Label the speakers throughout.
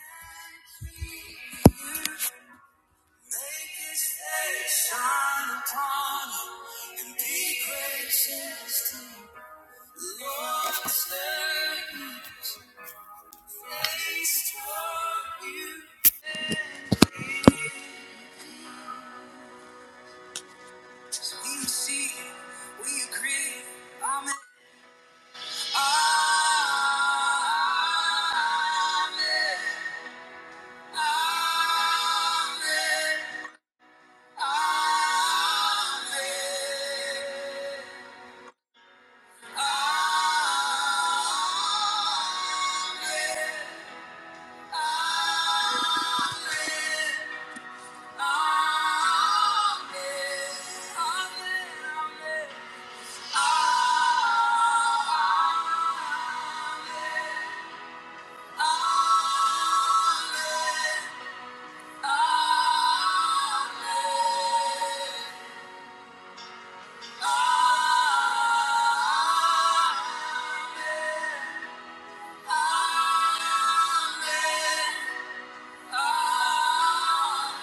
Speaker 1: Amen. Amen. Amen. Amen. Amen. Amen.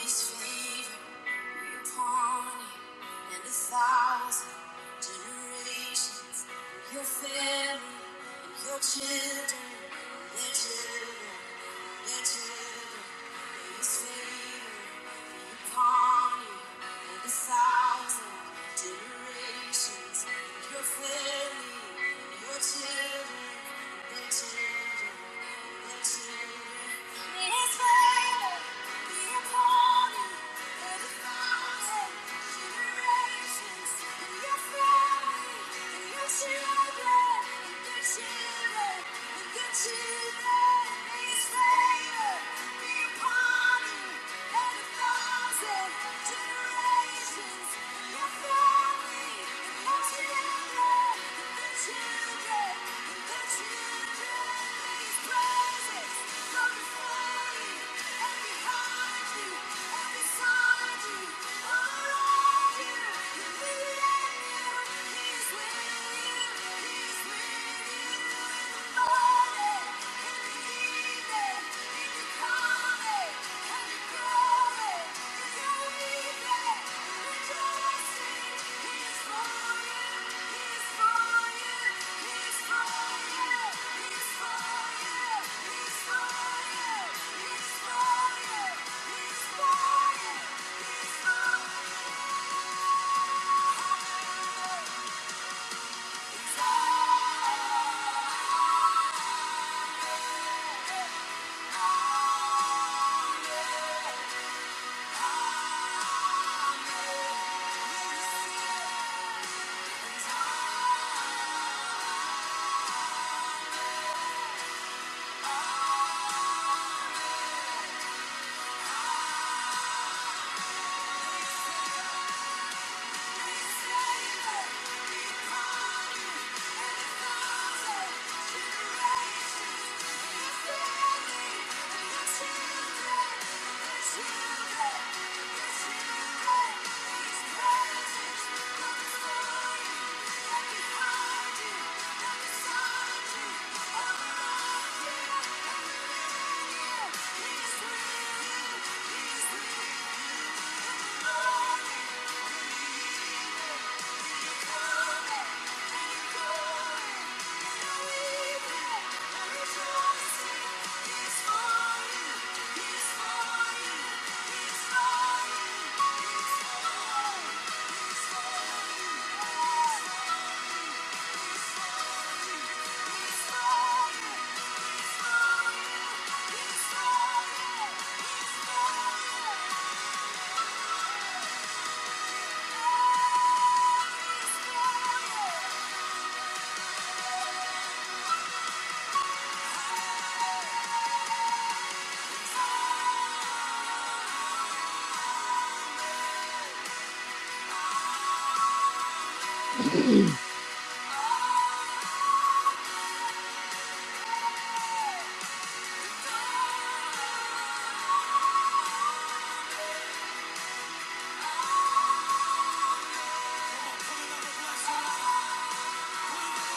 Speaker 1: His favor upon you and a thousand generations. Your family, and your children, and their children, their children. His favor. Children, and their children, and their children. Thank you. He's for you. Thank you. He's with you. He's with you.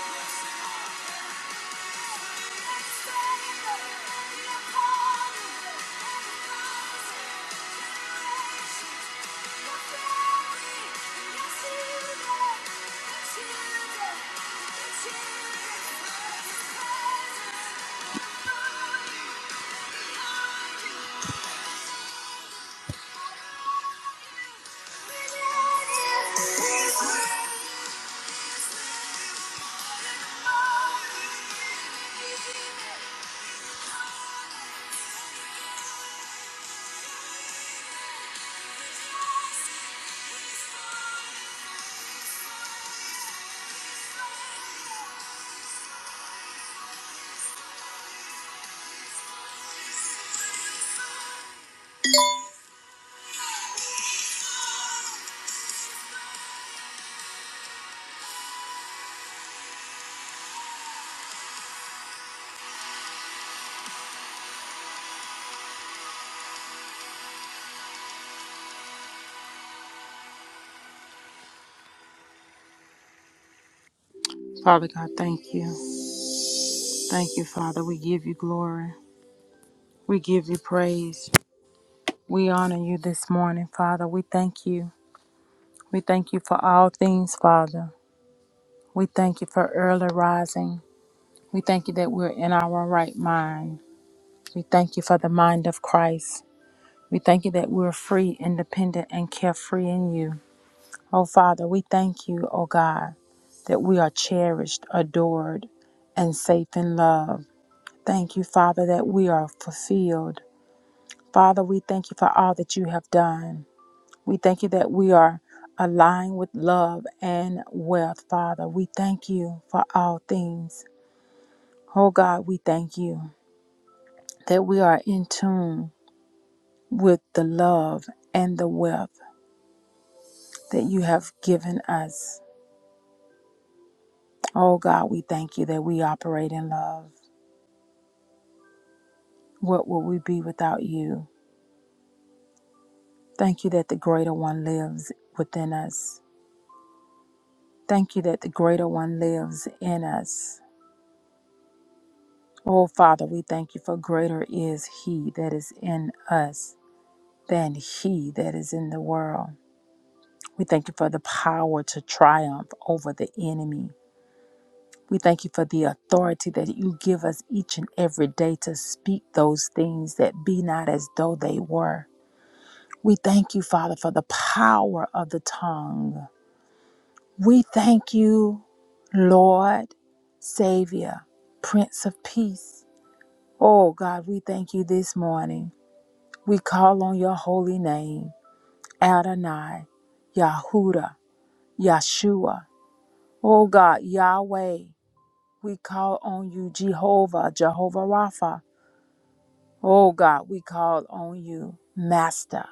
Speaker 1: He's for you. Father God, thank you. Thank you, Father. We give you glory. We give you praise. We honor you this morning, Father. We thank you. We thank you for all things, Father. We thank you for early rising. We thank you that we're in our right mind. We thank you for the mind of Christ. We thank you that we're free, independent, and carefree in you. Oh, Father, we thank you, oh God, that we are cherished, adored, and safe in love. Thank you, Father, that we are fulfilled. Father, we thank you for all that you have done. We thank you that we are aligned with love and wealth, Father. We thank you for all things. Oh God, we thank you that we are in tune with the love and the wealth that you have given us. Oh God, we thank you that we operate in love. What would we be without you? Thank you that the greater one lives within us. Thank you that the greater one lives in us. Oh Father, we thank you for greater is he that is in us than he that is in the world. We thank you for the power to triumph over the enemy. We thank you for the authority that you give us each and every day to speak those things that be not as though they were. We thank you, Father, for the power of the tongue. We thank you, Lord, Savior, Prince of Peace. Oh God, we thank you this morning. We call on your holy name, Adonai, Yahuda, Yeshua. Oh God, Yahweh. We call on you, Jehovah, Jehovah Rapha. Oh God, we call on you, Master,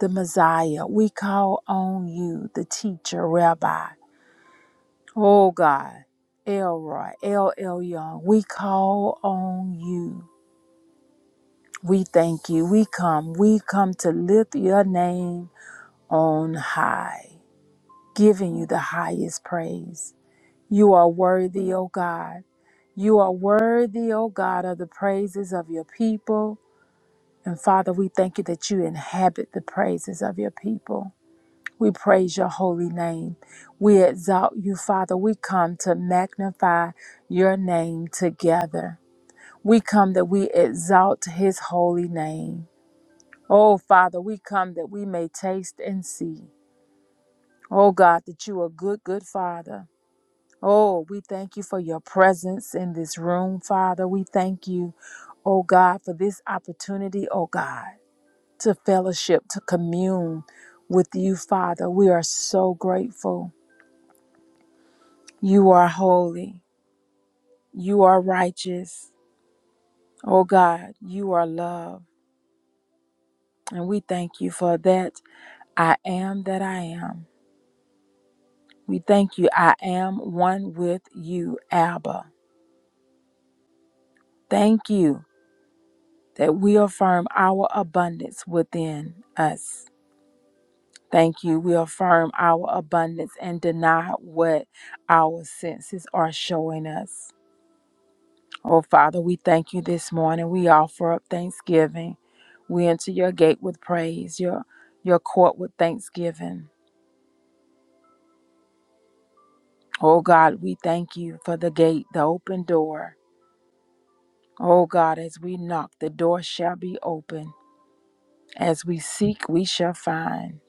Speaker 1: the Messiah. We call on you, the teacher, Rabbi. Oh God, Elroy, El Elyon. We call on you. We thank you. We come. We come to lift your name on high, giving you the highest praise. You are worthy, O God. You are worthy, O God, of the praises of your people. And Father, we thank you that you inhabit the praises of your people. We praise your holy name. We exalt you, Father. We come to magnify your name together. We come that we exalt his holy name. Oh, Father, we come that we may taste and see. Oh, God, that you are good, good Father. Oh, we thank you for your presence in this room, Father. We thank you, oh God, for this opportunity, oh God. to fellowship, to commune with you, Father. We are so grateful. You are holy. You are righteous. Oh God, you are love. And we thank you for that. I am that I am. We thank you. I am one with you, Abba. Thank you that we affirm our abundance within us. Thank you. We affirm our abundance and deny what our senses are showing us. Oh, Father, we thank you this morning. We offer up thanksgiving. We enter your gate with praise, your, your court with thanksgiving. Oh, God, we thank you for the gate, the open door. Oh, God, as we knock, the door shall be open. As we seek, we shall find.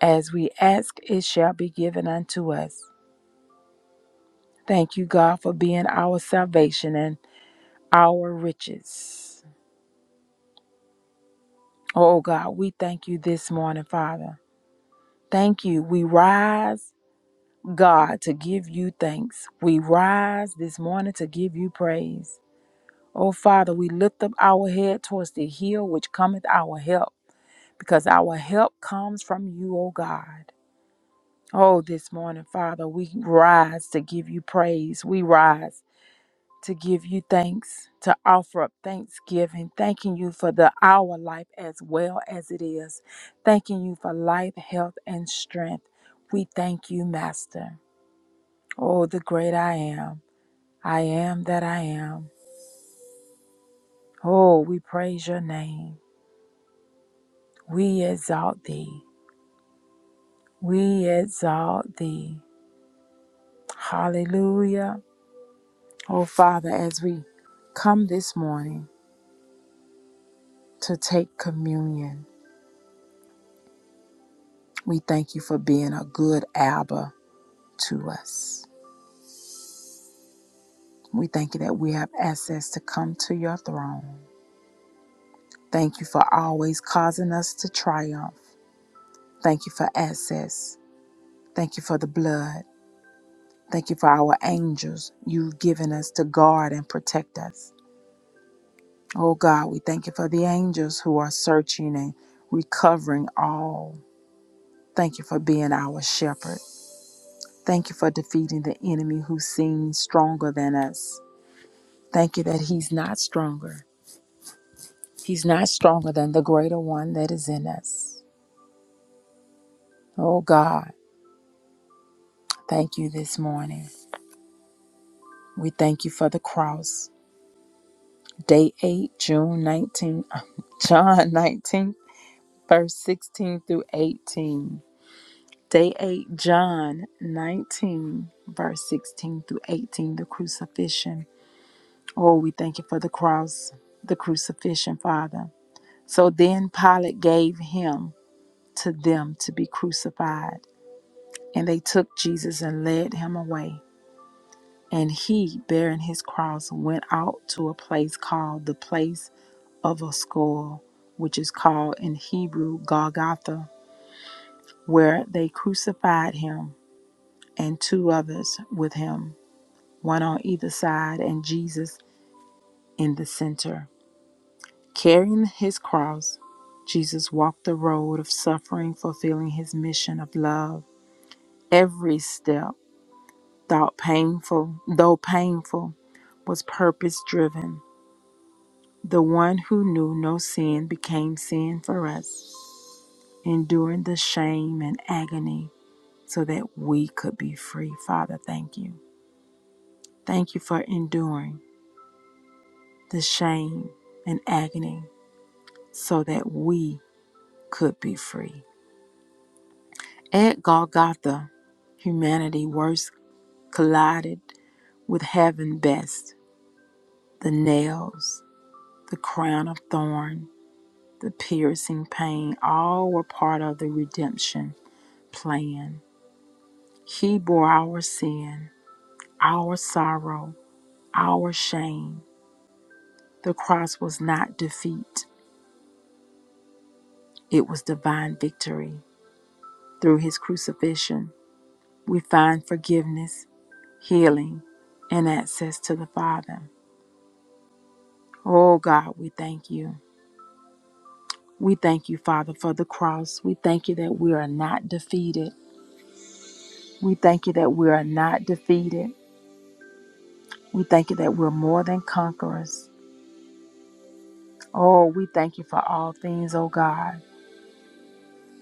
Speaker 1: As we ask, it shall be given unto us. Thank you, God, for being our salvation and our riches. Oh, God, we thank you this morning, Father. Thank you. We rise. God, to give you thanks. We rise this morning to give you praise. O Father, we lift up our head towards the hill which cometh our help, because our help comes from you, O God. Oh, this morning, Father, we rise to give you praise. We rise to give you thanks, to offer up thanksgiving, thanking you for the our life as well as it is, thanking you for life, health, and strength. We thank you, Master. Oh, the great I am. I am that I am. Oh, we praise your name. We exalt thee. We exalt thee. Hallelujah. Oh, Father, as we come this morning to take communion, we thank you for being a good Abba to us. We thank you that we have access to come to your throne. Thank you for always causing us to triumph. Thank you for access. Thank you for the blood. Thank you for our angels you've given us to guard and protect us. Oh God, we thank you for the angels who are searching and recovering all. Thank you for being our shepherd. Thank you for defeating the enemy who seems stronger than us. Thank you that he's not stronger. He's not stronger than the greater one that is in us. Oh God, thank you this morning. We thank you for the cross. Day 8, June nineteenth, John 19. verse 16 through 18. Day 8, John 19, verse 16 through 18, the crucifixion. Oh, we thank you for the cross, the crucifixion, Father. So then Pilate gave him to them to be crucified, and they took Jesus and led him away. And he, bearing his cross, went out to a place called the place of a skull, which is called in Hebrew Golgotha, where they crucified him and two others with him, one on either side, and Jesus in the center. Carrying his cross, Jesus walked the road of suffering, fulfilling his mission of love. Every step, though painful, though painful, was purpose driven. The one who knew no sin became sin for us, enduring the shame and agony so that we could be free. Father, thank you. Thank you for enduring. the shame and agony so that we could be free. At Golgotha, humanity worst collided with heaven best. The nails, the crown of thorn, the piercing pain, all were part of the redemption plan. He bore our sin, our sorrow, our shame. The cross was not defeat, it was divine victory. Through his crucifixion, we find forgiveness, healing, and access to the Father. Oh God, we thank you. We thank you, Father, for the cross. We thank you that we are not defeated. We thank you that we are not defeated. We thank you that we're more than conquerors. Oh, we thank you for all things, oh God.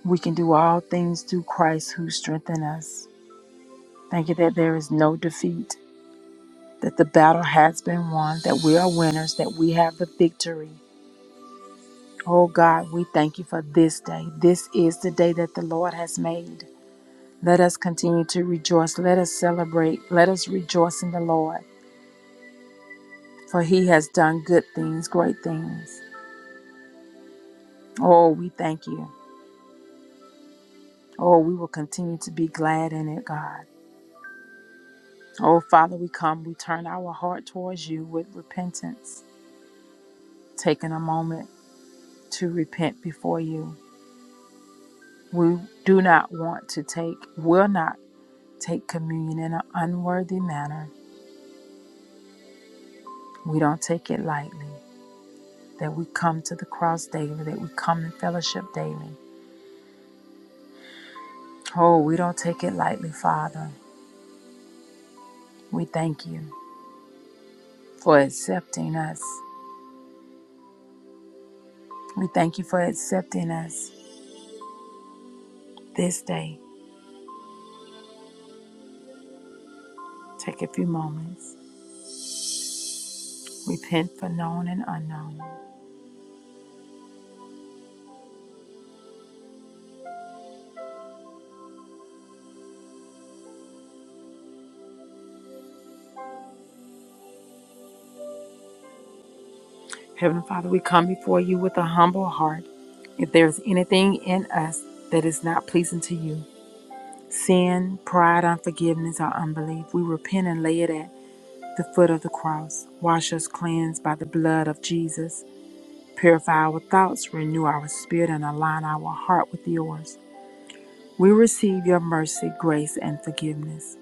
Speaker 1: We can do all things through Christ who strengthens us. Thank you that there is no defeat, that the battle has been won, that we are winners, that we have the victory. Oh God, we thank you for this day. This is the day that the Lord has made. Let us continue to rejoice. Let us celebrate. Let us rejoice in the Lord, for he has done good things, great things. Oh, we thank you. Oh, we will continue to be glad in it, God. Oh, Father, we come. We turn our heart towards you with repentance, taking a moment to repent before you. We do not want to take, will not take communion in an unworthy manner We don't take it lightly that we come to the cross daily, that we come in fellowship daily. Oh, we don't take it lightly, Father. We thank you for accepting us. We thank you for accepting us this day. Take a few moments. Repent for known and unknown. Heavenly Father, we come before you with a humble heart. If there is anything in us that is not pleasing to you, sin, pride, unforgiveness, or unbelief, we repent and lay it at the foot of the cross. Wash us cleansed by the blood of Jesus. Purify our thoughts, renew our spirit, and align our heart with yours. We receive your mercy, grace, and forgiveness.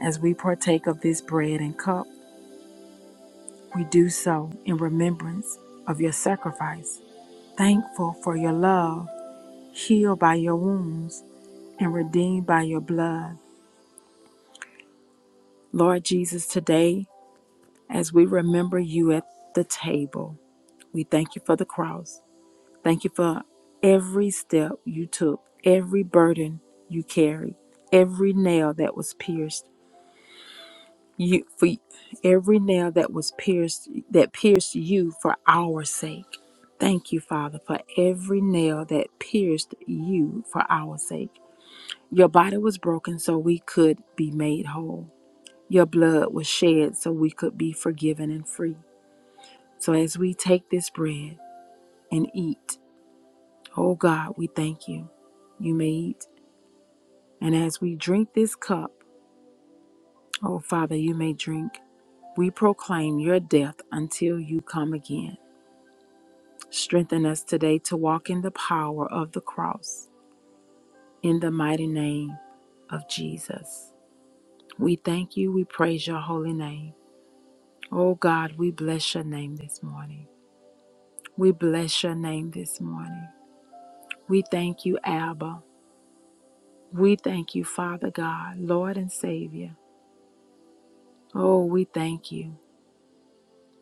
Speaker 1: As we partake of this bread and cup, we do so in remembrance of your sacrifice, thankful for your love, healed by your wounds, and redeemed by your blood. Lord Jesus, today, as we remember you at the table, we thank you for the cross. Thank you for every step you took, every burden you carried, every nail that was pierced. You for every nail that was pierced that pierced you for our sake. Thank you, Father, for every nail that pierced you for our sake. Your body was broken so we could be made whole. Your blood was shed so we could be forgiven and free. So as we take this bread and eat, oh God, we thank you. You may eat. And as we drink this cup, oh Father, you may drink, we proclaim your death until you come again. Strengthen us today to walk in the power of the cross. In the mighty name of Jesus. We thank you. We praise your holy name. Oh God, we bless your name this morning. We bless your name this morning. We thank you, Abba. We thank you, Father God, Lord and Savior. Oh, we thank you.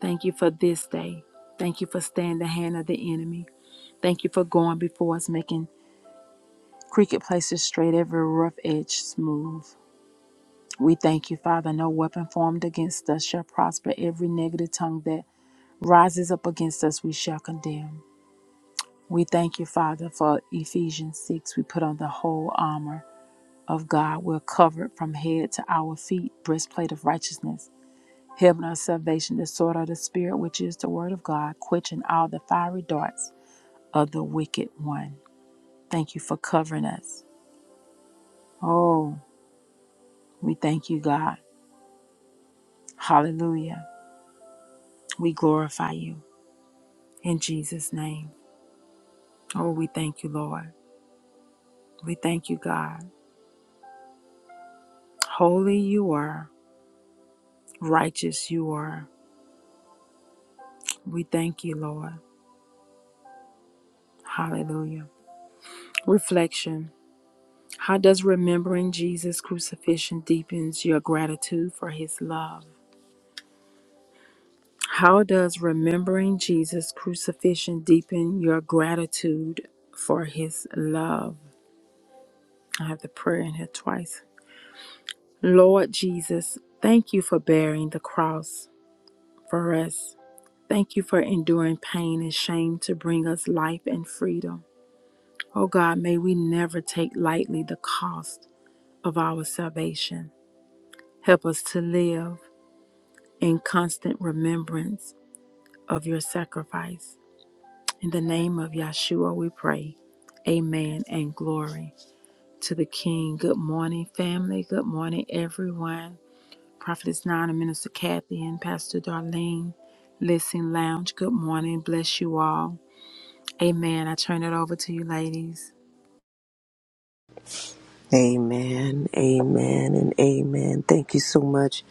Speaker 1: Thank you for this day. Thank you for staying the hand of the enemy. Thank you for going before us, making crooked places straight, every rough edge smooth. We thank you, Father. No weapon formed against us shall prosper. Every negative tongue that rises up against us, we shall condemn. We thank you, Father, for Ephesians 6. We put on the whole armor of God. We're covered from head to our feet, breastplate of righteousness. Helmet of salvation, the sword of the Spirit, which is the word of God, quenching all the fiery darts of the wicked one. Thank you for covering us. Oh, we thank you, God. Hallelujah. We glorify you in Jesus' name. Oh, we thank you, Lord. We thank you, God. Holy you are, righteous you are. We thank you, Lord. Hallelujah. Reflection How does remembering Jesus' crucifixion deepens your gratitude for his love? How does remembering Jesus' crucifixion deepen your gratitude for his love? I have the prayer in here twice. Lord Jesus, thank you for bearing the cross for us. Thank you for enduring pain and shame to bring us life and freedom. Oh God, may we never take lightly the cost of our salvation. Help us to live in constant remembrance of your sacrifice. In the name of Yahshua, we pray. Amen and glory to the King. Good morning, family. Good morning, everyone. Prophetess Nana, Minister Kathy, and Pastor Darlene. Listen, lounge. Good morning. Bless you all. Amen. I turn it over to you, ladies.
Speaker 2: Amen, amen, and amen. Thank you so much,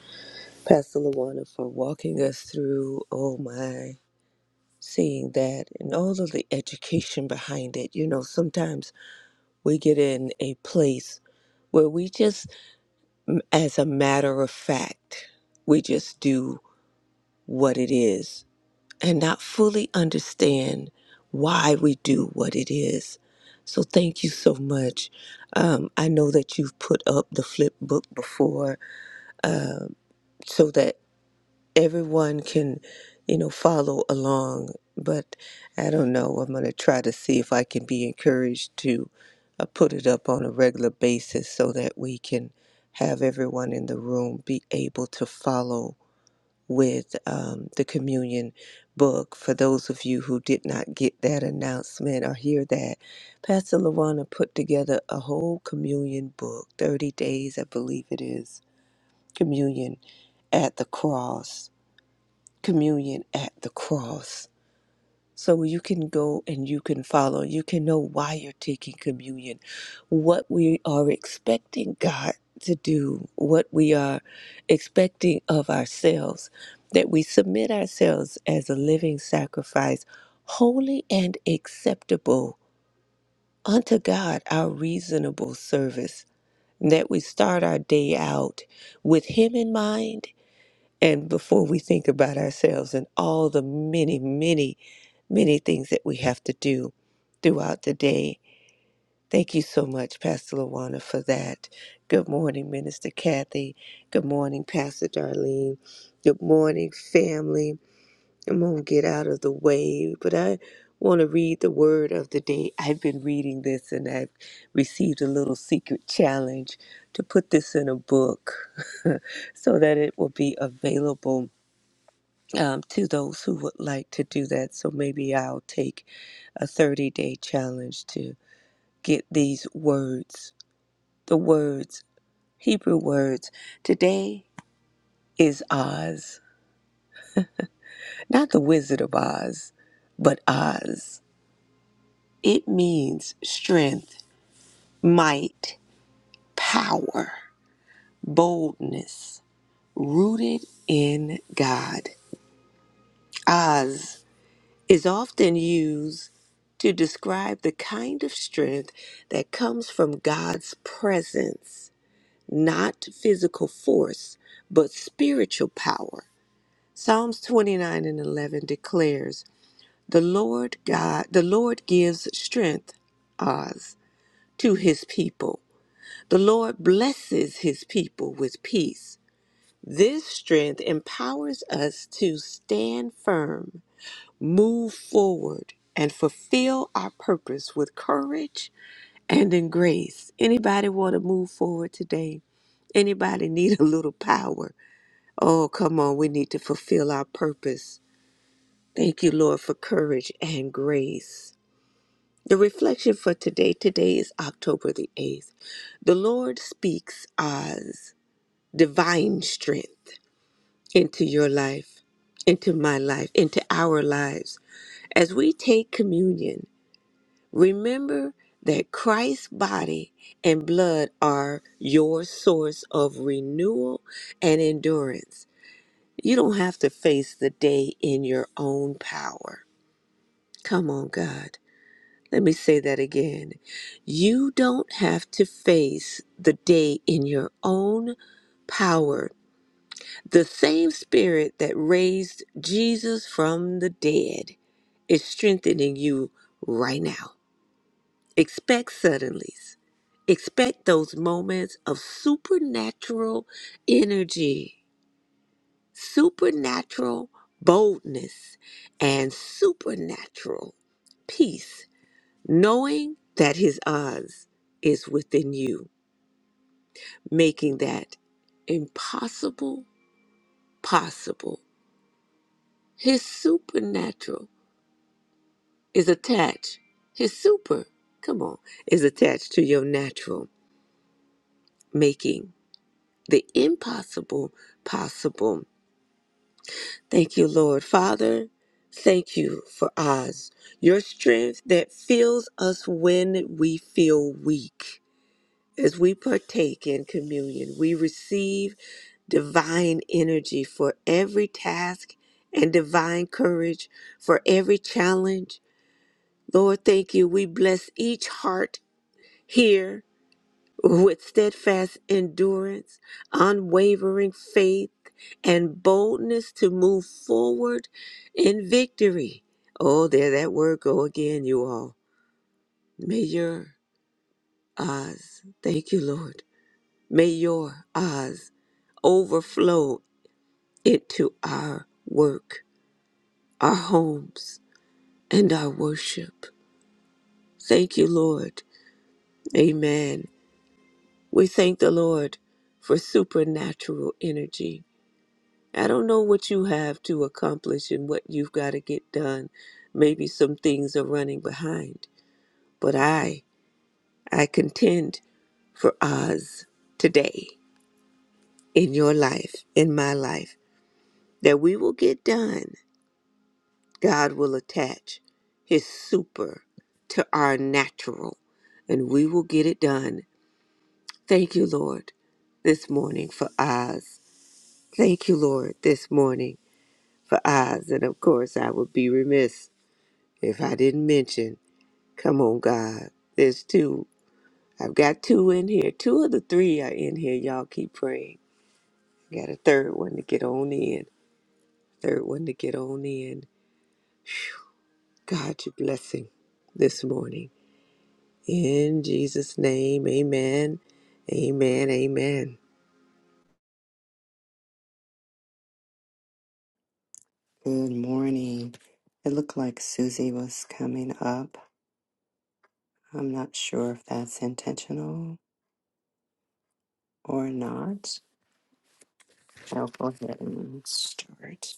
Speaker 2: Pastor Luana, for walking us through, oh my, seeing that and all of the education behind it. You know, sometimes we get in a place where we just, as a matter of fact, we just do what it is and not fully understand why we do what it is. So thank you so much. Um, I know that you've put up the flip book before um, so that everyone can, you know, follow along. But I don't know. I'm going to try to see if I can be encouraged to uh, put it up on a regular basis so that we can have everyone in the room be able to follow with um, the communion book. For those of you who did not get that announcement or hear that, Pastor Lawana put together a whole communion book, 30 days, I believe it is, communion at the cross, communion at the cross. So you can go and you can follow. You can know why you're taking communion, what we are expecting God to do, what we are expecting of ourselves, that we submit ourselves as a living sacrifice, holy and acceptable unto God, our reasonable service. and That we start our day out with Him in mind and before we think about ourselves and all the many, many, many things that we have to do throughout the day. Thank you so much, Pastor Lawana, for that. Good morning, Minister Kathy. Good morning, Pastor Darlene. Good morning, family. I'm going to get out of the way, but I want to read the word of the day. I've been reading this and I've received a little secret challenge to put this in a book so that it will be available um, to those who would like to do that. So maybe I'll take a 30 day challenge to get these words, the words, Hebrew words. Today is Oz, not the Wizard of Oz, but Oz. It means strength, might, power, boldness, rooted in God. Oz. is often used to describe the kind of strength that comes from God's presence, not physical force, but spiritual power. Psalms 29 and 11 declares, "The Lord God, the Lord gives strength, Oz, to his people. The Lord blesses his people with peace." This strength empowers us to stand firm move forward and fulfill our purpose with courage and in grace. Anybody want to move forward today? Anybody need a little power? Oh, come on, we need to fulfill our purpose. Thank you, Lord, for courage and grace. The reflection for today, today is October the 8th. The Lord speaks Oz, divine strength into your life, into my life, into our lives. As we take communion, Remember that Christ's body and blood are your source of renewal and endurance. You don't have to face the day in your own power. Come on, God. Let me say that again. You don't have to face the day in your own power. The same spirit that raised Jesus from the dead is strengthening you right now. Expect suddenlies. Expect those moments of supernatural energy, supernatural boldness, and supernatural peace, knowing that His odds is within you, making that impossible possible. His supernatural is attached. His super, come on, is attached to your natural making the impossible possible. Thank you, Lord. Father, thank you for Oz, your strength that fills us when we feel weak. As we partake in communion, we receive divine energy for every task and divine courage for every challenge. Lord, thank you. We bless each heart here with steadfast endurance, unwavering faith, and boldness to move forward in victory. Oh, there that word go again, you all. May your eyes, thank you, Lord. May your eyes overflow into our work, our homes, and our worship. Thank you, Lord. Amen. We thank the Lord for supernatural energy I don't know what you have to accomplish and what you've got to get done. Maybe some things are running behind, but I I contend for Oz today in your life, in my life, that we will get done. God will attach his super to our natural and we will get it done. Thank you, Lord, this morning for Oz. Thank you, Lord, this morning for Oz. And of course, I would be remiss If I didn't mention, come on, God, there's two. I've got two in here. Two of the three are in here. Y'all keep praying. Got a third one to get on in. Third one to get on in. Phew. God, your blessing this morning. In Jesus' name, amen. Amen. Amen.
Speaker 3: Good morning. It looked like Susie was coming up. I'm not sure if that's intentional or not. I'll go ahead and start.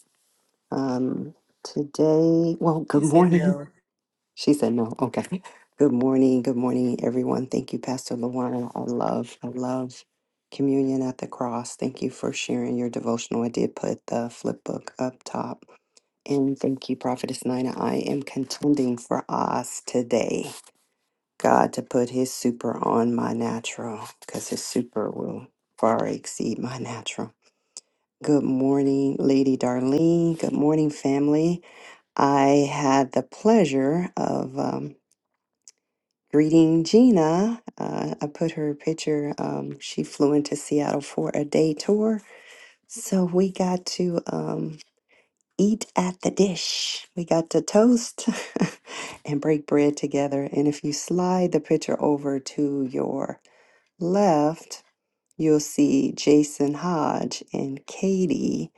Speaker 3: Um, today, well,
Speaker 4: He
Speaker 3: good
Speaker 4: said
Speaker 3: morning.
Speaker 4: no.
Speaker 3: She said no. Okay. Good morning. Good morning, everyone. Thank you, Pastor Luana. I love, I love communion at the cross. Thank you for sharing your devotional. I did put the flip book up top. And thank you, Prophetess Nina. I am contending for us today. God to put his super on my natural because his super will far exceed my natural. Good morning, Lady Darlene. Good morning, family. I had the pleasure of um, greeting Gina. Uh, I put her picture, um, she flew into Seattle for a day tour. So we got to um, eat at the dish, we got to toast and break bread together. And if you slide the picture over to your left, you'll see Jason Hodge and Katie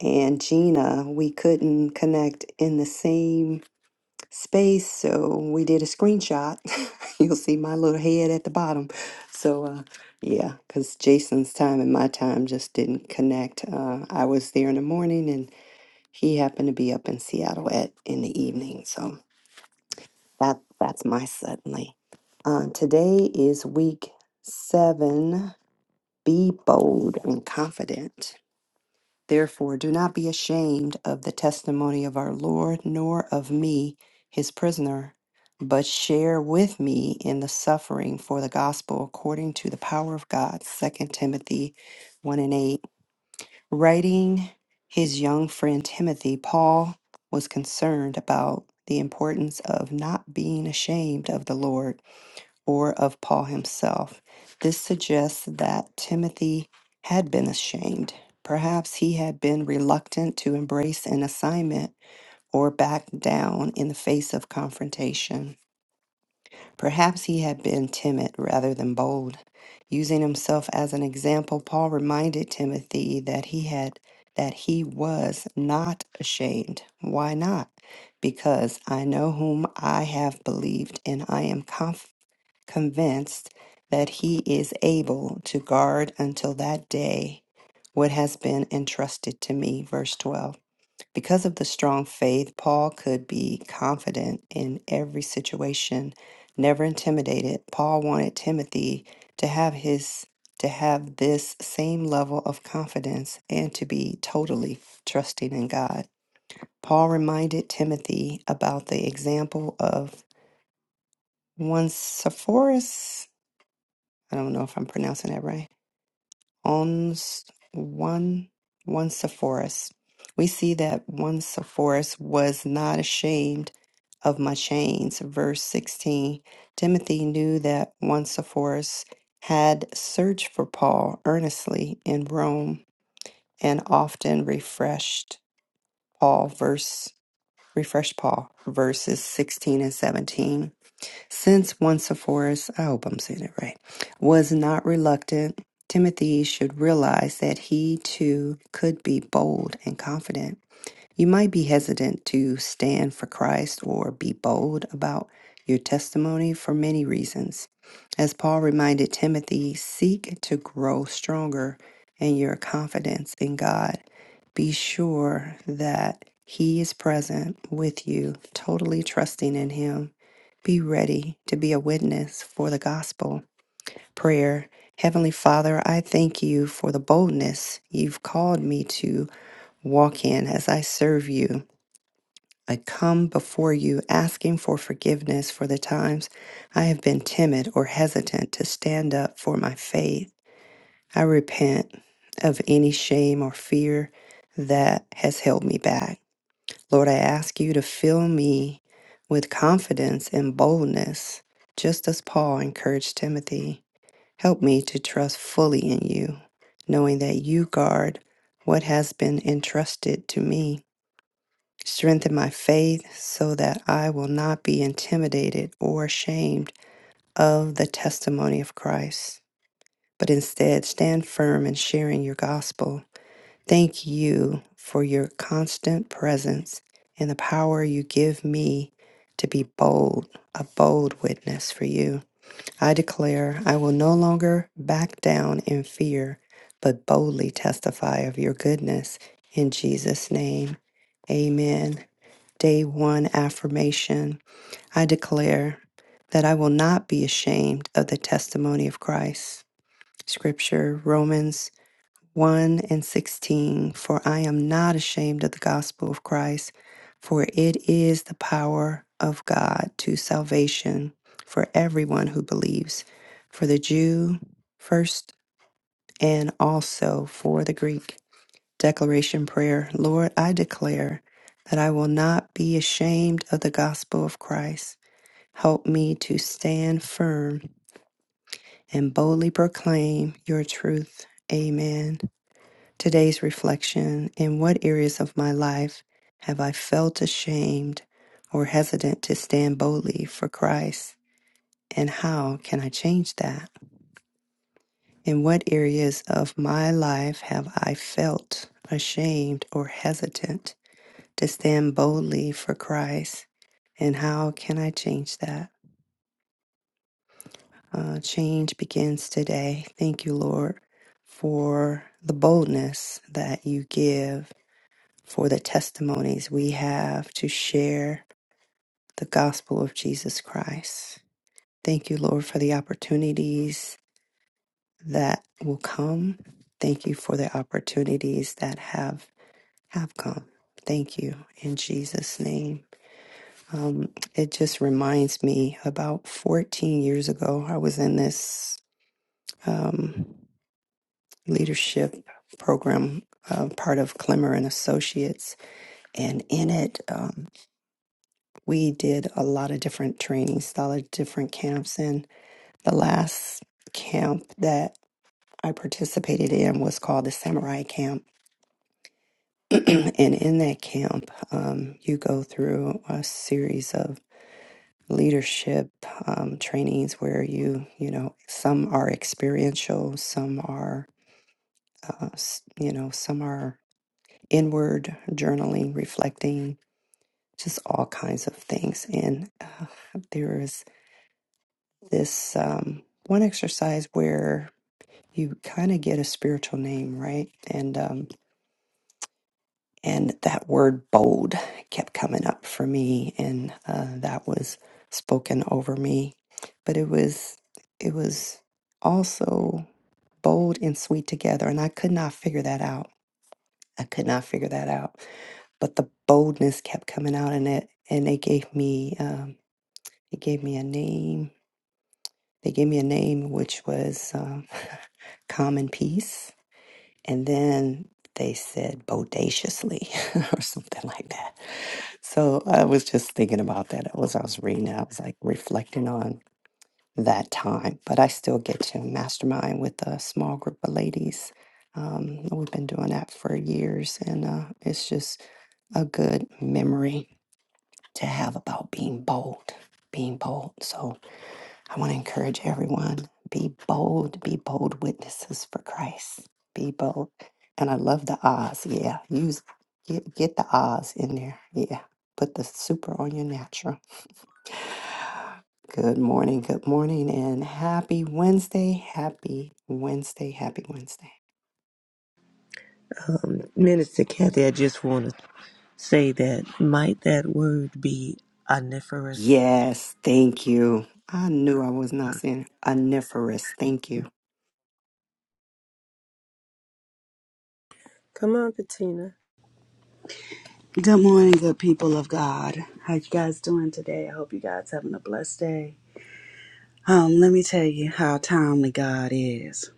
Speaker 3: and Gina. We couldn't connect in the same space, so we did a screenshot. you'll see my little head at the bottom. So, uh, yeah, because Jason's time and my time just didn't connect. Uh, I was there in the morning, and he happened to be up in Seattle at in the evening. So that that's my suddenly. Uh, today is week seven be bold and confident. Therefore, do not be ashamed of the testimony of our Lord, nor of me, his prisoner, but share with me in the suffering for the gospel according to the power of God. Second Timothy 1 and 8. Writing his young friend Timothy, Paul was concerned about the importance of not being ashamed of the Lord or of Paul himself. This suggests that Timothy had been ashamed. Perhaps he had been reluctant to embrace an assignment or back down in the face of confrontation. Perhaps he had been timid rather than bold. Using himself as an example, Paul reminded Timothy that he had that he was not ashamed. Why not? Because I know whom I have believed and I am confident convinced that he is able to guard until that day what has been entrusted to me. Verse 12. Because of the strong faith, Paul could be confident in every situation, never intimidated. Paul wanted Timothy to have his to have this same level of confidence and to be totally trusting in God. Paul reminded Timothy about the example of one Sepphoris I don't know if I'm pronouncing that right. Ons one one Sepphoris. We see that one Sepphoris was not ashamed of my chains. Verse 16. Timothy knew that one Sepphoris had searched for Paul earnestly in Rome and often refreshed Paul verse refreshed Paul verses 16 and 17. Since one Sephora's, I hope I'm saying it right, was not reluctant, Timothy should realize that he too could be bold and confident you might be hesitant to stand for Christ or be bold about your testimony for many reasons. As Paul reminded Timothy, seek to grow stronger in your confidence in God. Be sure that He is present with you, totally trusting in Him. Be ready to be a witness for the gospel. Prayer Heavenly Father, I thank you for the boldness you've called me to walk in as I serve you. I come before you asking for forgiveness for the times I have been timid or hesitant to stand up for my faith. I repent of any shame or fear that has held me back. Lord, I ask you to fill me with confidence and boldness, just as Paul encouraged Timothy. Help me to trust fully in you, knowing that you guard what has been entrusted to me. Strengthen my faith so that I will not be intimidated or ashamed of the testimony of Christ, but instead stand firm in sharing your gospel. Thank you for your constant presence and the power you give me to be bold, a bold witness for you. I declare I will no longer back down in fear, but boldly testify of your goodness in Jesus' name. Amen day one affirmation I declare that I will not be ashamed of the testimony of Christ. Scripture, Romans 1 and 16. For I am not ashamed of the gospel of Christ, for it is the power of God to salvation for everyone who believes, for the Jew first and also for the Greek. Declaration Prayer Lord, I declare that I will not be ashamed of the gospel of Christ. Help me to stand firm and boldly proclaim your truth. Amen. Today's reflection In what areas of my life have I felt ashamed or hesitant to stand boldly for Christ? And how can I change that? In what areas of my life have I felt ashamed or hesitant? to stand boldly for Christ. And how can I change that? Uh, change begins today. Thank you, Lord, for the boldness that you give, for the testimonies we have to share the gospel of Jesus Christ. Thank you, Lord, for the opportunities that will come. Thank you for the opportunities that have have come. Thank you in Jesus' name. Um, it just reminds me about 14 years ago, I was in this um, leadership program, uh, part of Clemmer and Associates. And in it, um, we did a lot of different trainings, a lot of different camps. And the last camp that I participated in was called the Samurai Camp. and in that camp, um, you go through a series of leadership um, trainings where you you know some are experiential some are uh, s- you know some are inward journaling reflecting just all kinds of things and uh, there is this um, one exercise where you kind of get a spiritual name right and um, and that word bold kept coming up for me and uh, that was spoken over me but it was it was also bold and sweet together and i could not figure that out i could not figure that out but the boldness kept coming out in it and they gave me um, they gave me a name they gave me a name which was um, common peace And then they said bodaciously or something like that. So I was just thinking about that as I was reading it. I was like reflecting on that time, but I still get to mastermind with a small group of ladies. Um, we've been doing that for years, and uh, it's just a good memory to have about being bold, being bold. So I want to encourage everyone be bold, be bold witnesses for Christ. Be bold. And I love the Oz. Yeah. Use get, get the Oz in there. Yeah. Put the super on your natural. Good morning. Good morning and happy Wednesday. Happy Wednesday. Happy Wednesday.
Speaker 2: Um, Minister Kathy, I just want to say that might that word be omniferous?
Speaker 3: Yes, thank you. I knew I was not saying oniferous. Thank you.
Speaker 4: Come on, Patina.
Speaker 5: Good morning, good people of God. How you guys doing today? I hope you guys having a blessed day. Um, let me tell you how timely God is.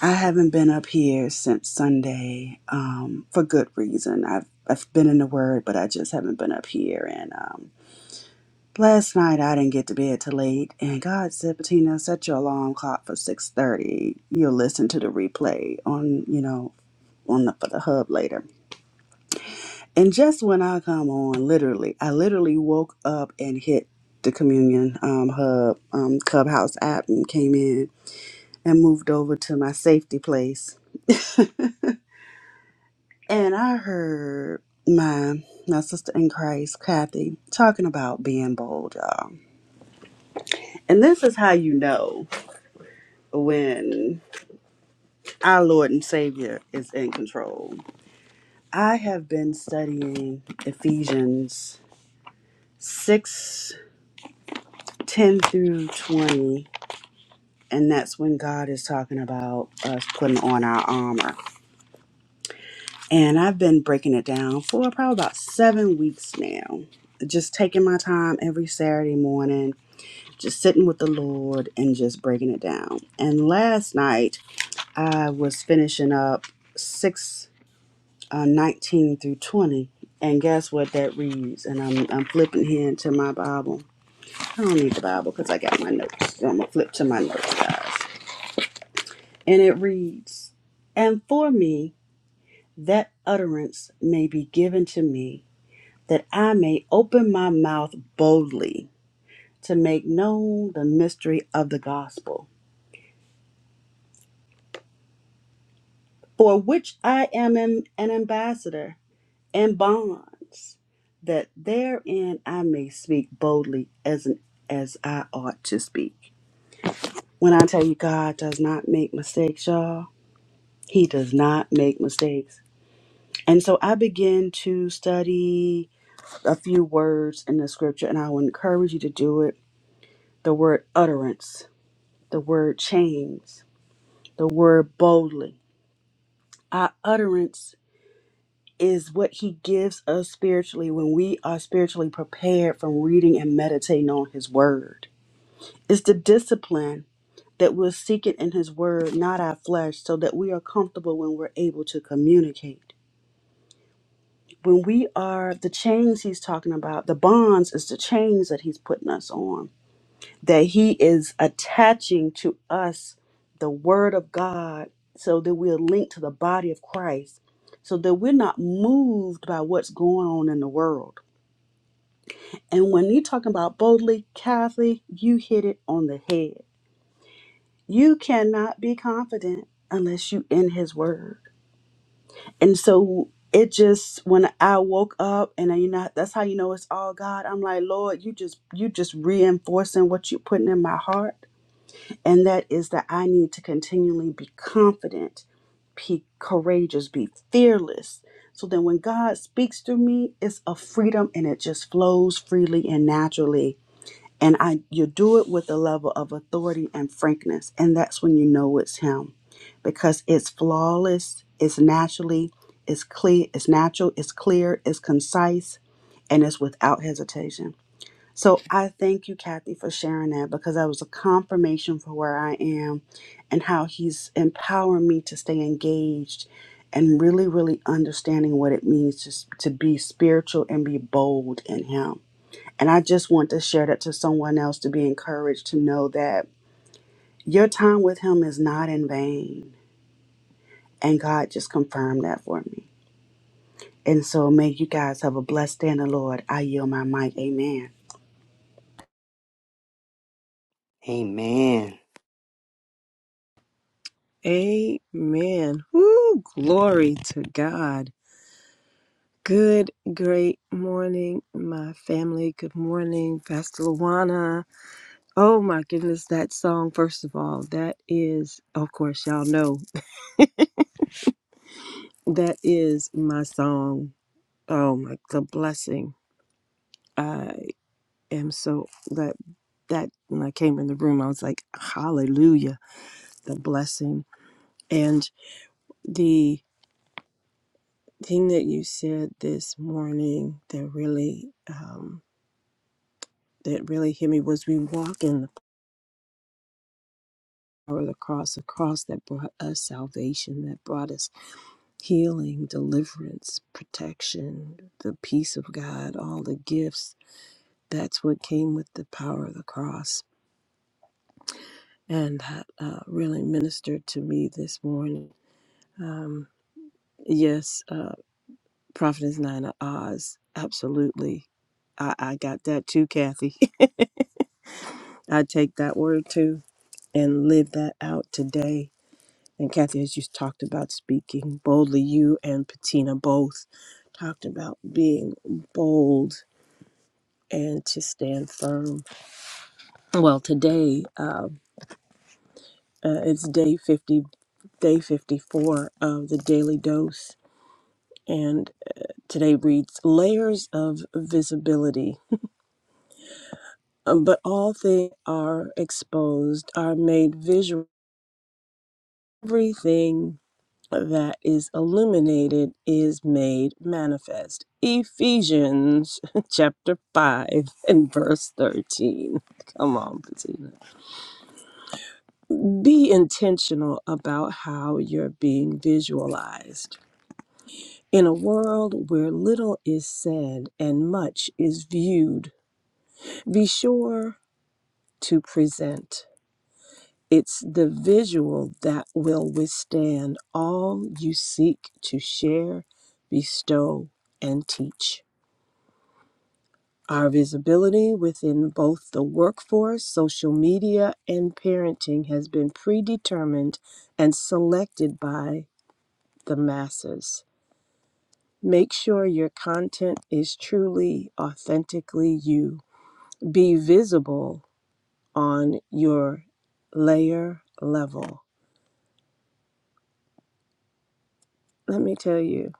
Speaker 5: I haven't been up here since Sunday, um, for good reason. I've I've been in the Word, but I just haven't been up here. And um, last night I didn't get to bed till late, and God said, "Bettina, set your alarm clock for six thirty. You'll listen to the replay on you know on the for the hub later." And just when I come on, literally, I literally woke up and hit the communion um, hub um, clubhouse app and came in and moved over to my safety place. And I heard my my sister in Christ, Kathy, talking about being bold, y'all. And this is how you know when our Lord and Savior is in control. I have been studying Ephesians six ten through 20 And that's when God is talking about us putting on our armor. And I've been breaking it down for probably about seven weeks now. Just taking my time every Saturday morning, just sitting with the Lord and just breaking it down. And last night, I was finishing up 6 uh, 19 through 20. And guess what that reads? And I'm, I'm flipping here into my Bible. I don't need the Bible because I got my notes. So I'm going to flip to my notes, guys. and it reads, And for me that utterance may be given to me, that I may open my mouth boldly to make known the mystery of the gospel, for which I am an ambassador in bonds, that therein I may speak boldly as, an, as I ought to speak. When I tell you God does not make mistakes, y'all, He does not make mistakes. And so I begin to study a few words in the scripture, and I will encourage you to do it. The word utterance, the word chains, the word boldly. Our utterance is what He gives us spiritually when we are spiritually prepared from reading and meditating on His word. It's the discipline that we'll seek it in His word, not our flesh, so that we are comfortable when we're able to communicate. When we are the chains He's talking about, the bonds is the chains that He's putting us on that he is attaching to us the word of God so that we're linked to the body of Christ so that we're not moved by what's going on in the world. And when you're talking about boldly, Kathy, you hit it on the head. You cannot be confident unless you in his word. And so it just when I woke up and I, you know that's how you know it's all God. I'm like, Lord, you just you just reinforcing what you're putting in my heart and that is that I need to continually be confident, be courageous, be fearless. So then when God speaks through me, it's a freedom and it just flows freely and naturally. And I you do it with a level of authority and frankness. And that's when you know it's him. Because it's flawless, it's naturally, it's clear, it's natural, it's clear, it's concise, and it's without hesitation. So I thank you, Kathy, for sharing that because that was a confirmation for where I am and how he's empowering me to stay engaged and really, really understanding what it means to, s- to be spiritual and be bold in him. And I just want to share that to someone else to be encouraged to know that your time with him is not in vain. And God just confirmed that for me. And so may you guys have a blessed day in the Lord. I yield my mic. Amen.
Speaker 3: Amen.
Speaker 4: Amen. Woo, glory to God. Good, great morning, my family. Good morning, Pastor Luana. Oh my goodness, that song, first of all, that is, of course, y'all know, that is my song. Oh my, the blessing. I am so, that, that, when I came in the room, I was like, hallelujah, the blessing. And the. thing that you said this morning that really um, that really hit me was we walk in the power of the cross, a cross that brought us salvation, that brought us healing, deliverance, protection, the peace of God, all the gifts. That's what came with the power of the cross, and that uh, really ministered to me this morning. Um, yes, uh, Prophetess Nina Oz, absolutely. I, I got that too, Kathy. I take that word too and live that out today. And Kathy, as you talked about speaking boldly, you and Patina both talked about being bold and to stand firm. Well, today um, uh, it's day 50, day 54 of the Daily Dose. And today reads Layers of Visibility. Um, But all things are exposed, are made visual. Everything that is illuminated is made manifest. Ephesians chapter 5 and verse 13. Come on, Bettina. Be intentional about how you're being visualized. In a world where little is said and much is viewed, be sure to present. It's the visual that will withstand all you seek to share, bestow, and teach. Our visibility within both the workforce, social media, and parenting has been predetermined and selected by the masses. Make sure your content is truly, authentically you. Be visible on your layer level. Let me tell you,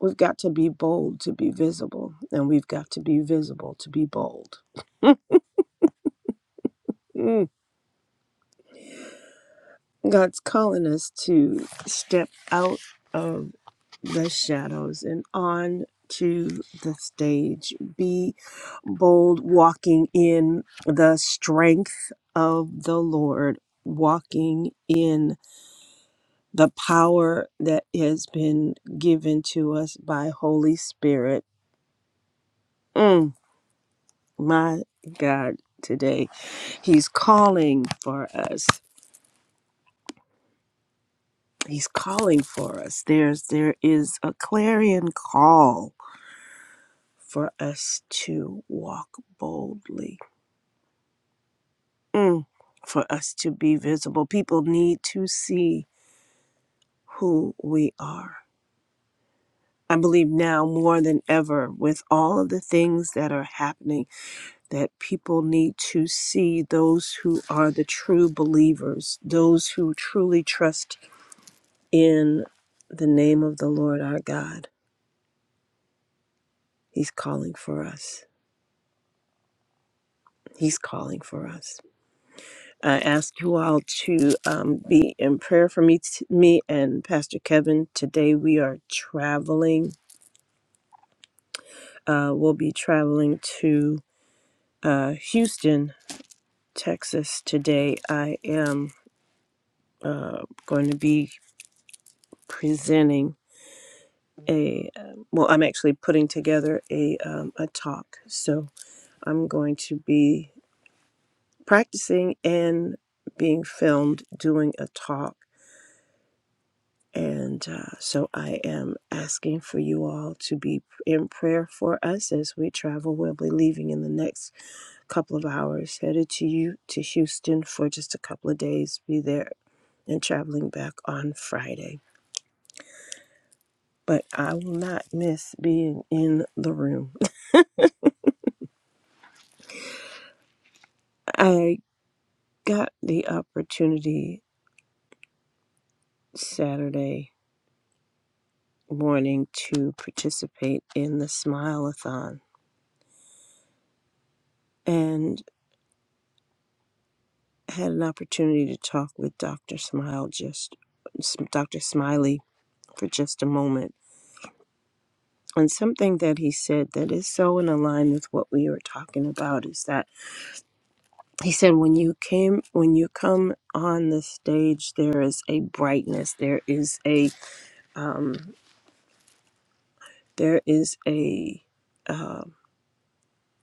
Speaker 4: we've got to be bold to be visible, and we've got to be visible to be bold. Mm. God's calling us to step out of the shadows and on to the stage. Be bold, walking in the strength of the Lord, walking in the power that has been given to us by Holy Spirit. Mm, my God, today He's calling for us. He's calling for us. There's there is a clarion call for us to walk boldly. Mm. For us to be visible. People need to see who we are. I believe now more than ever with all of the things that are happening that people need to see those who are the true believers, those who truly trust in the name of the Lord our God. He's calling for us. He's calling for us. I ask you all to um, be in prayer for me, t- me and Pastor Kevin. Today we are traveling. Uh, we'll be traveling to uh, Houston, Texas. Today I am uh, going to be presenting a. um well, I'm actually putting together a um, a talk. So I'm going to be practicing and being filmed doing a talk And uh, so I am asking for you all to be in prayer for us as we travel. We'll be leaving in the next couple of hours, headed to you to Houston for just a couple of days, be there and traveling back on Friday. But I will not miss being in the room. I got the opportunity Saturday morning to participate in the Smile-a-thon. And had an opportunity to talk with Dr. Smile just Dr. Smiley for just a moment. And something that he said that is so in line with what we were talking about is that he said when you came when you come on the stage there is a brightness there is a um, there is a um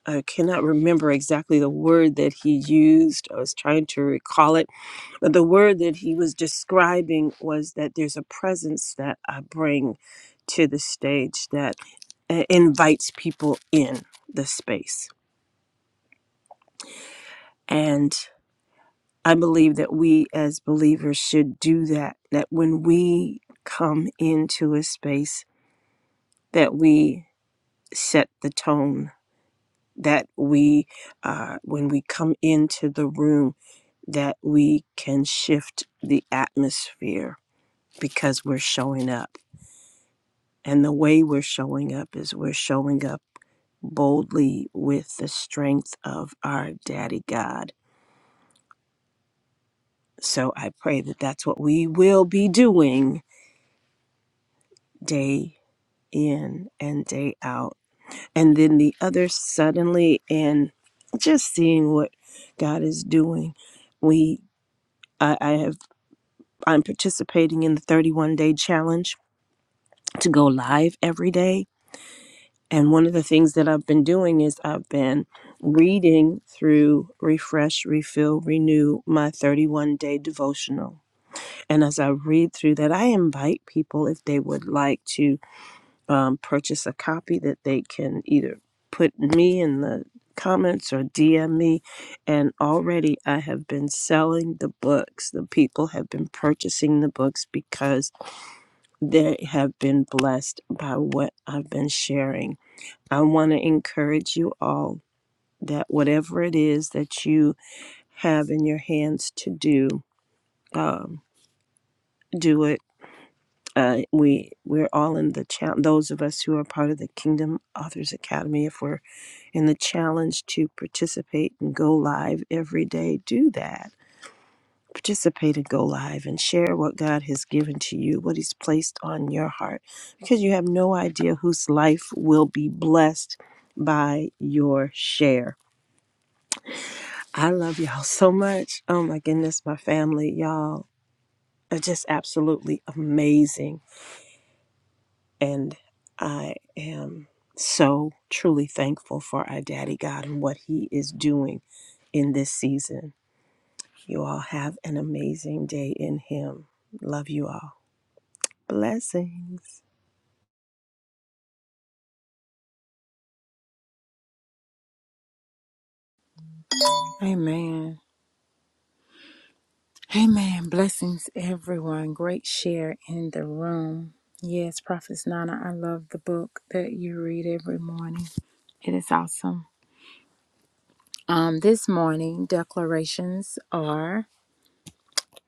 Speaker 4: I cannot remember exactly the word that he used. I was trying to recall it But the word that he was describing was that there's a presence that I bring to the stage that uh, invites people in the space. And I believe that we as believers should do that, that when we come into a space, that we set the tone, that we, uh, when we come into the room, that we can shift the atmosphere because we're showing up. And the way we're showing up is we're showing up boldly with the strength of our daddy God. So I pray that that's what we will be doing day in and day out. And then the other suddenly and just seeing what God is doing. We I, I have I'm participating in the 31 day challenge to go live every day And one of the things that I've been doing is I've been reading through Refresh, Refill, Renew, my 31 day devotional. And as I read through that, I invite people if they would like to um, purchase a copy that they can either put me in the comments or DM me. And already I have been selling the books. The people have been purchasing the books because they have been blessed by what I've been sharing I want to encourage you all that whatever it is that you have in your hands to do, um, do it. Uh, we we're all in the challenge. Those of us who are part of the Kingdom Authors Academy, if we're in the challenge to participate and go live every day, do that. Participate and go live and share what God has given to you, what He's placed on your heart, because you have no idea whose life will be blessed by your share I love y'all so much. Oh my goodness, my family, y'all are just absolutely amazing. And I am so truly thankful for our daddy God and what he is doing in this season. You all have an amazing day in him. Love you all. Blessings.
Speaker 1: Amen. Amen. Blessings, everyone. Great share in the room. Yes, Prophetess Nana, I love the book that you read every morning. It is awesome. Um, this morning, declarations are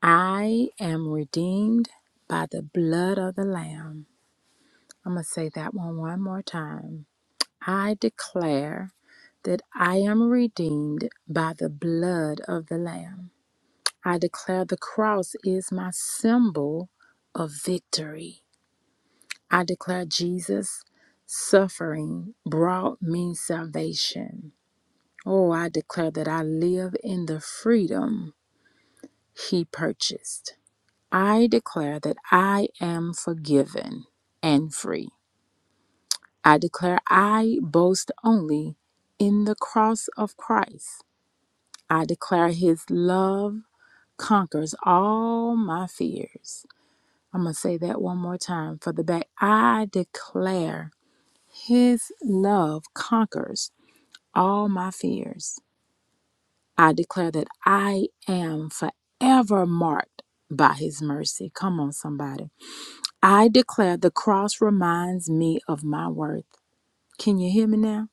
Speaker 1: I am redeemed by the blood of the Lamb. I'm going to say that one one more time. I declare that I am redeemed by the blood of the Lamb. I declare the cross is my symbol of victory. I declare Jesus' suffering brought me salvation. Oh, I declare that I live in the freedom he purchased. I declare that I am forgiven and free. I declare I boast only in the cross of Christ. I declare his love conquers all my fears. I'm going to say that one more time for the back. I declare his love conquers all my fears. I declare that I am forever marked by his mercy. Come on, somebody. I declare the cross reminds me of my worth. Can you hear me now?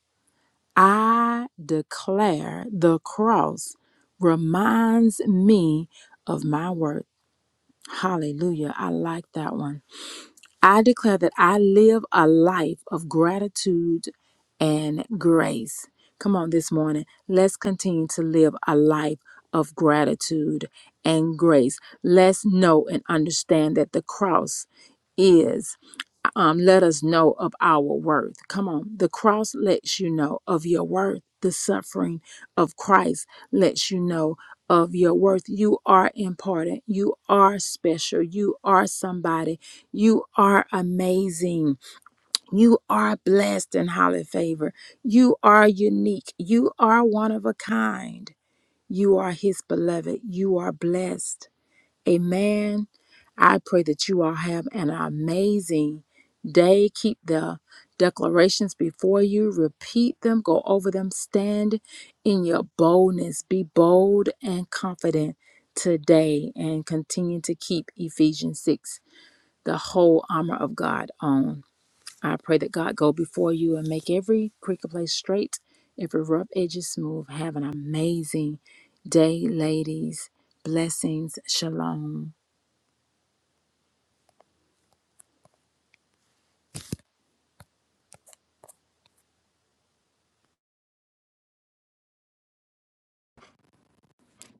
Speaker 1: I declare the cross reminds me of my worth. Hallelujah. I like that one. I declare that I live a life of gratitude and grace. Come on, this morning, let's continue to live a life of gratitude and grace. Let's know and understand that the cross is um, let us know of our worth. Come on. The cross lets you know of your worth. The suffering of Christ lets you know of your worth. You are important. You are special. You are somebody. You are amazing. You are blessed and highly favored. You are unique. You are one of a kind. You are his beloved. You are blessed. Amen. I pray that you all have an amazing day. Keep the declarations before you, repeat them, go over them, stand in your boldness. Be bold and confident today and continue to keep Ephesians 6, the whole armor of God, on. I pray that God go before you and make every crooked place straight, every rough edge smooth. Have an amazing day, ladies. Blessings. Shalom.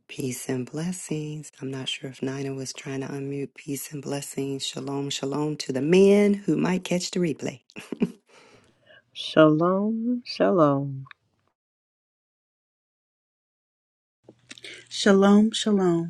Speaker 3: Peace and blessings. I'm not sure if Nina was trying to unmute. Peace and blessings. Shalom, shalom to the men who might catch the replay.
Speaker 4: Shalom, shalom.
Speaker 5: Shalom, shalom.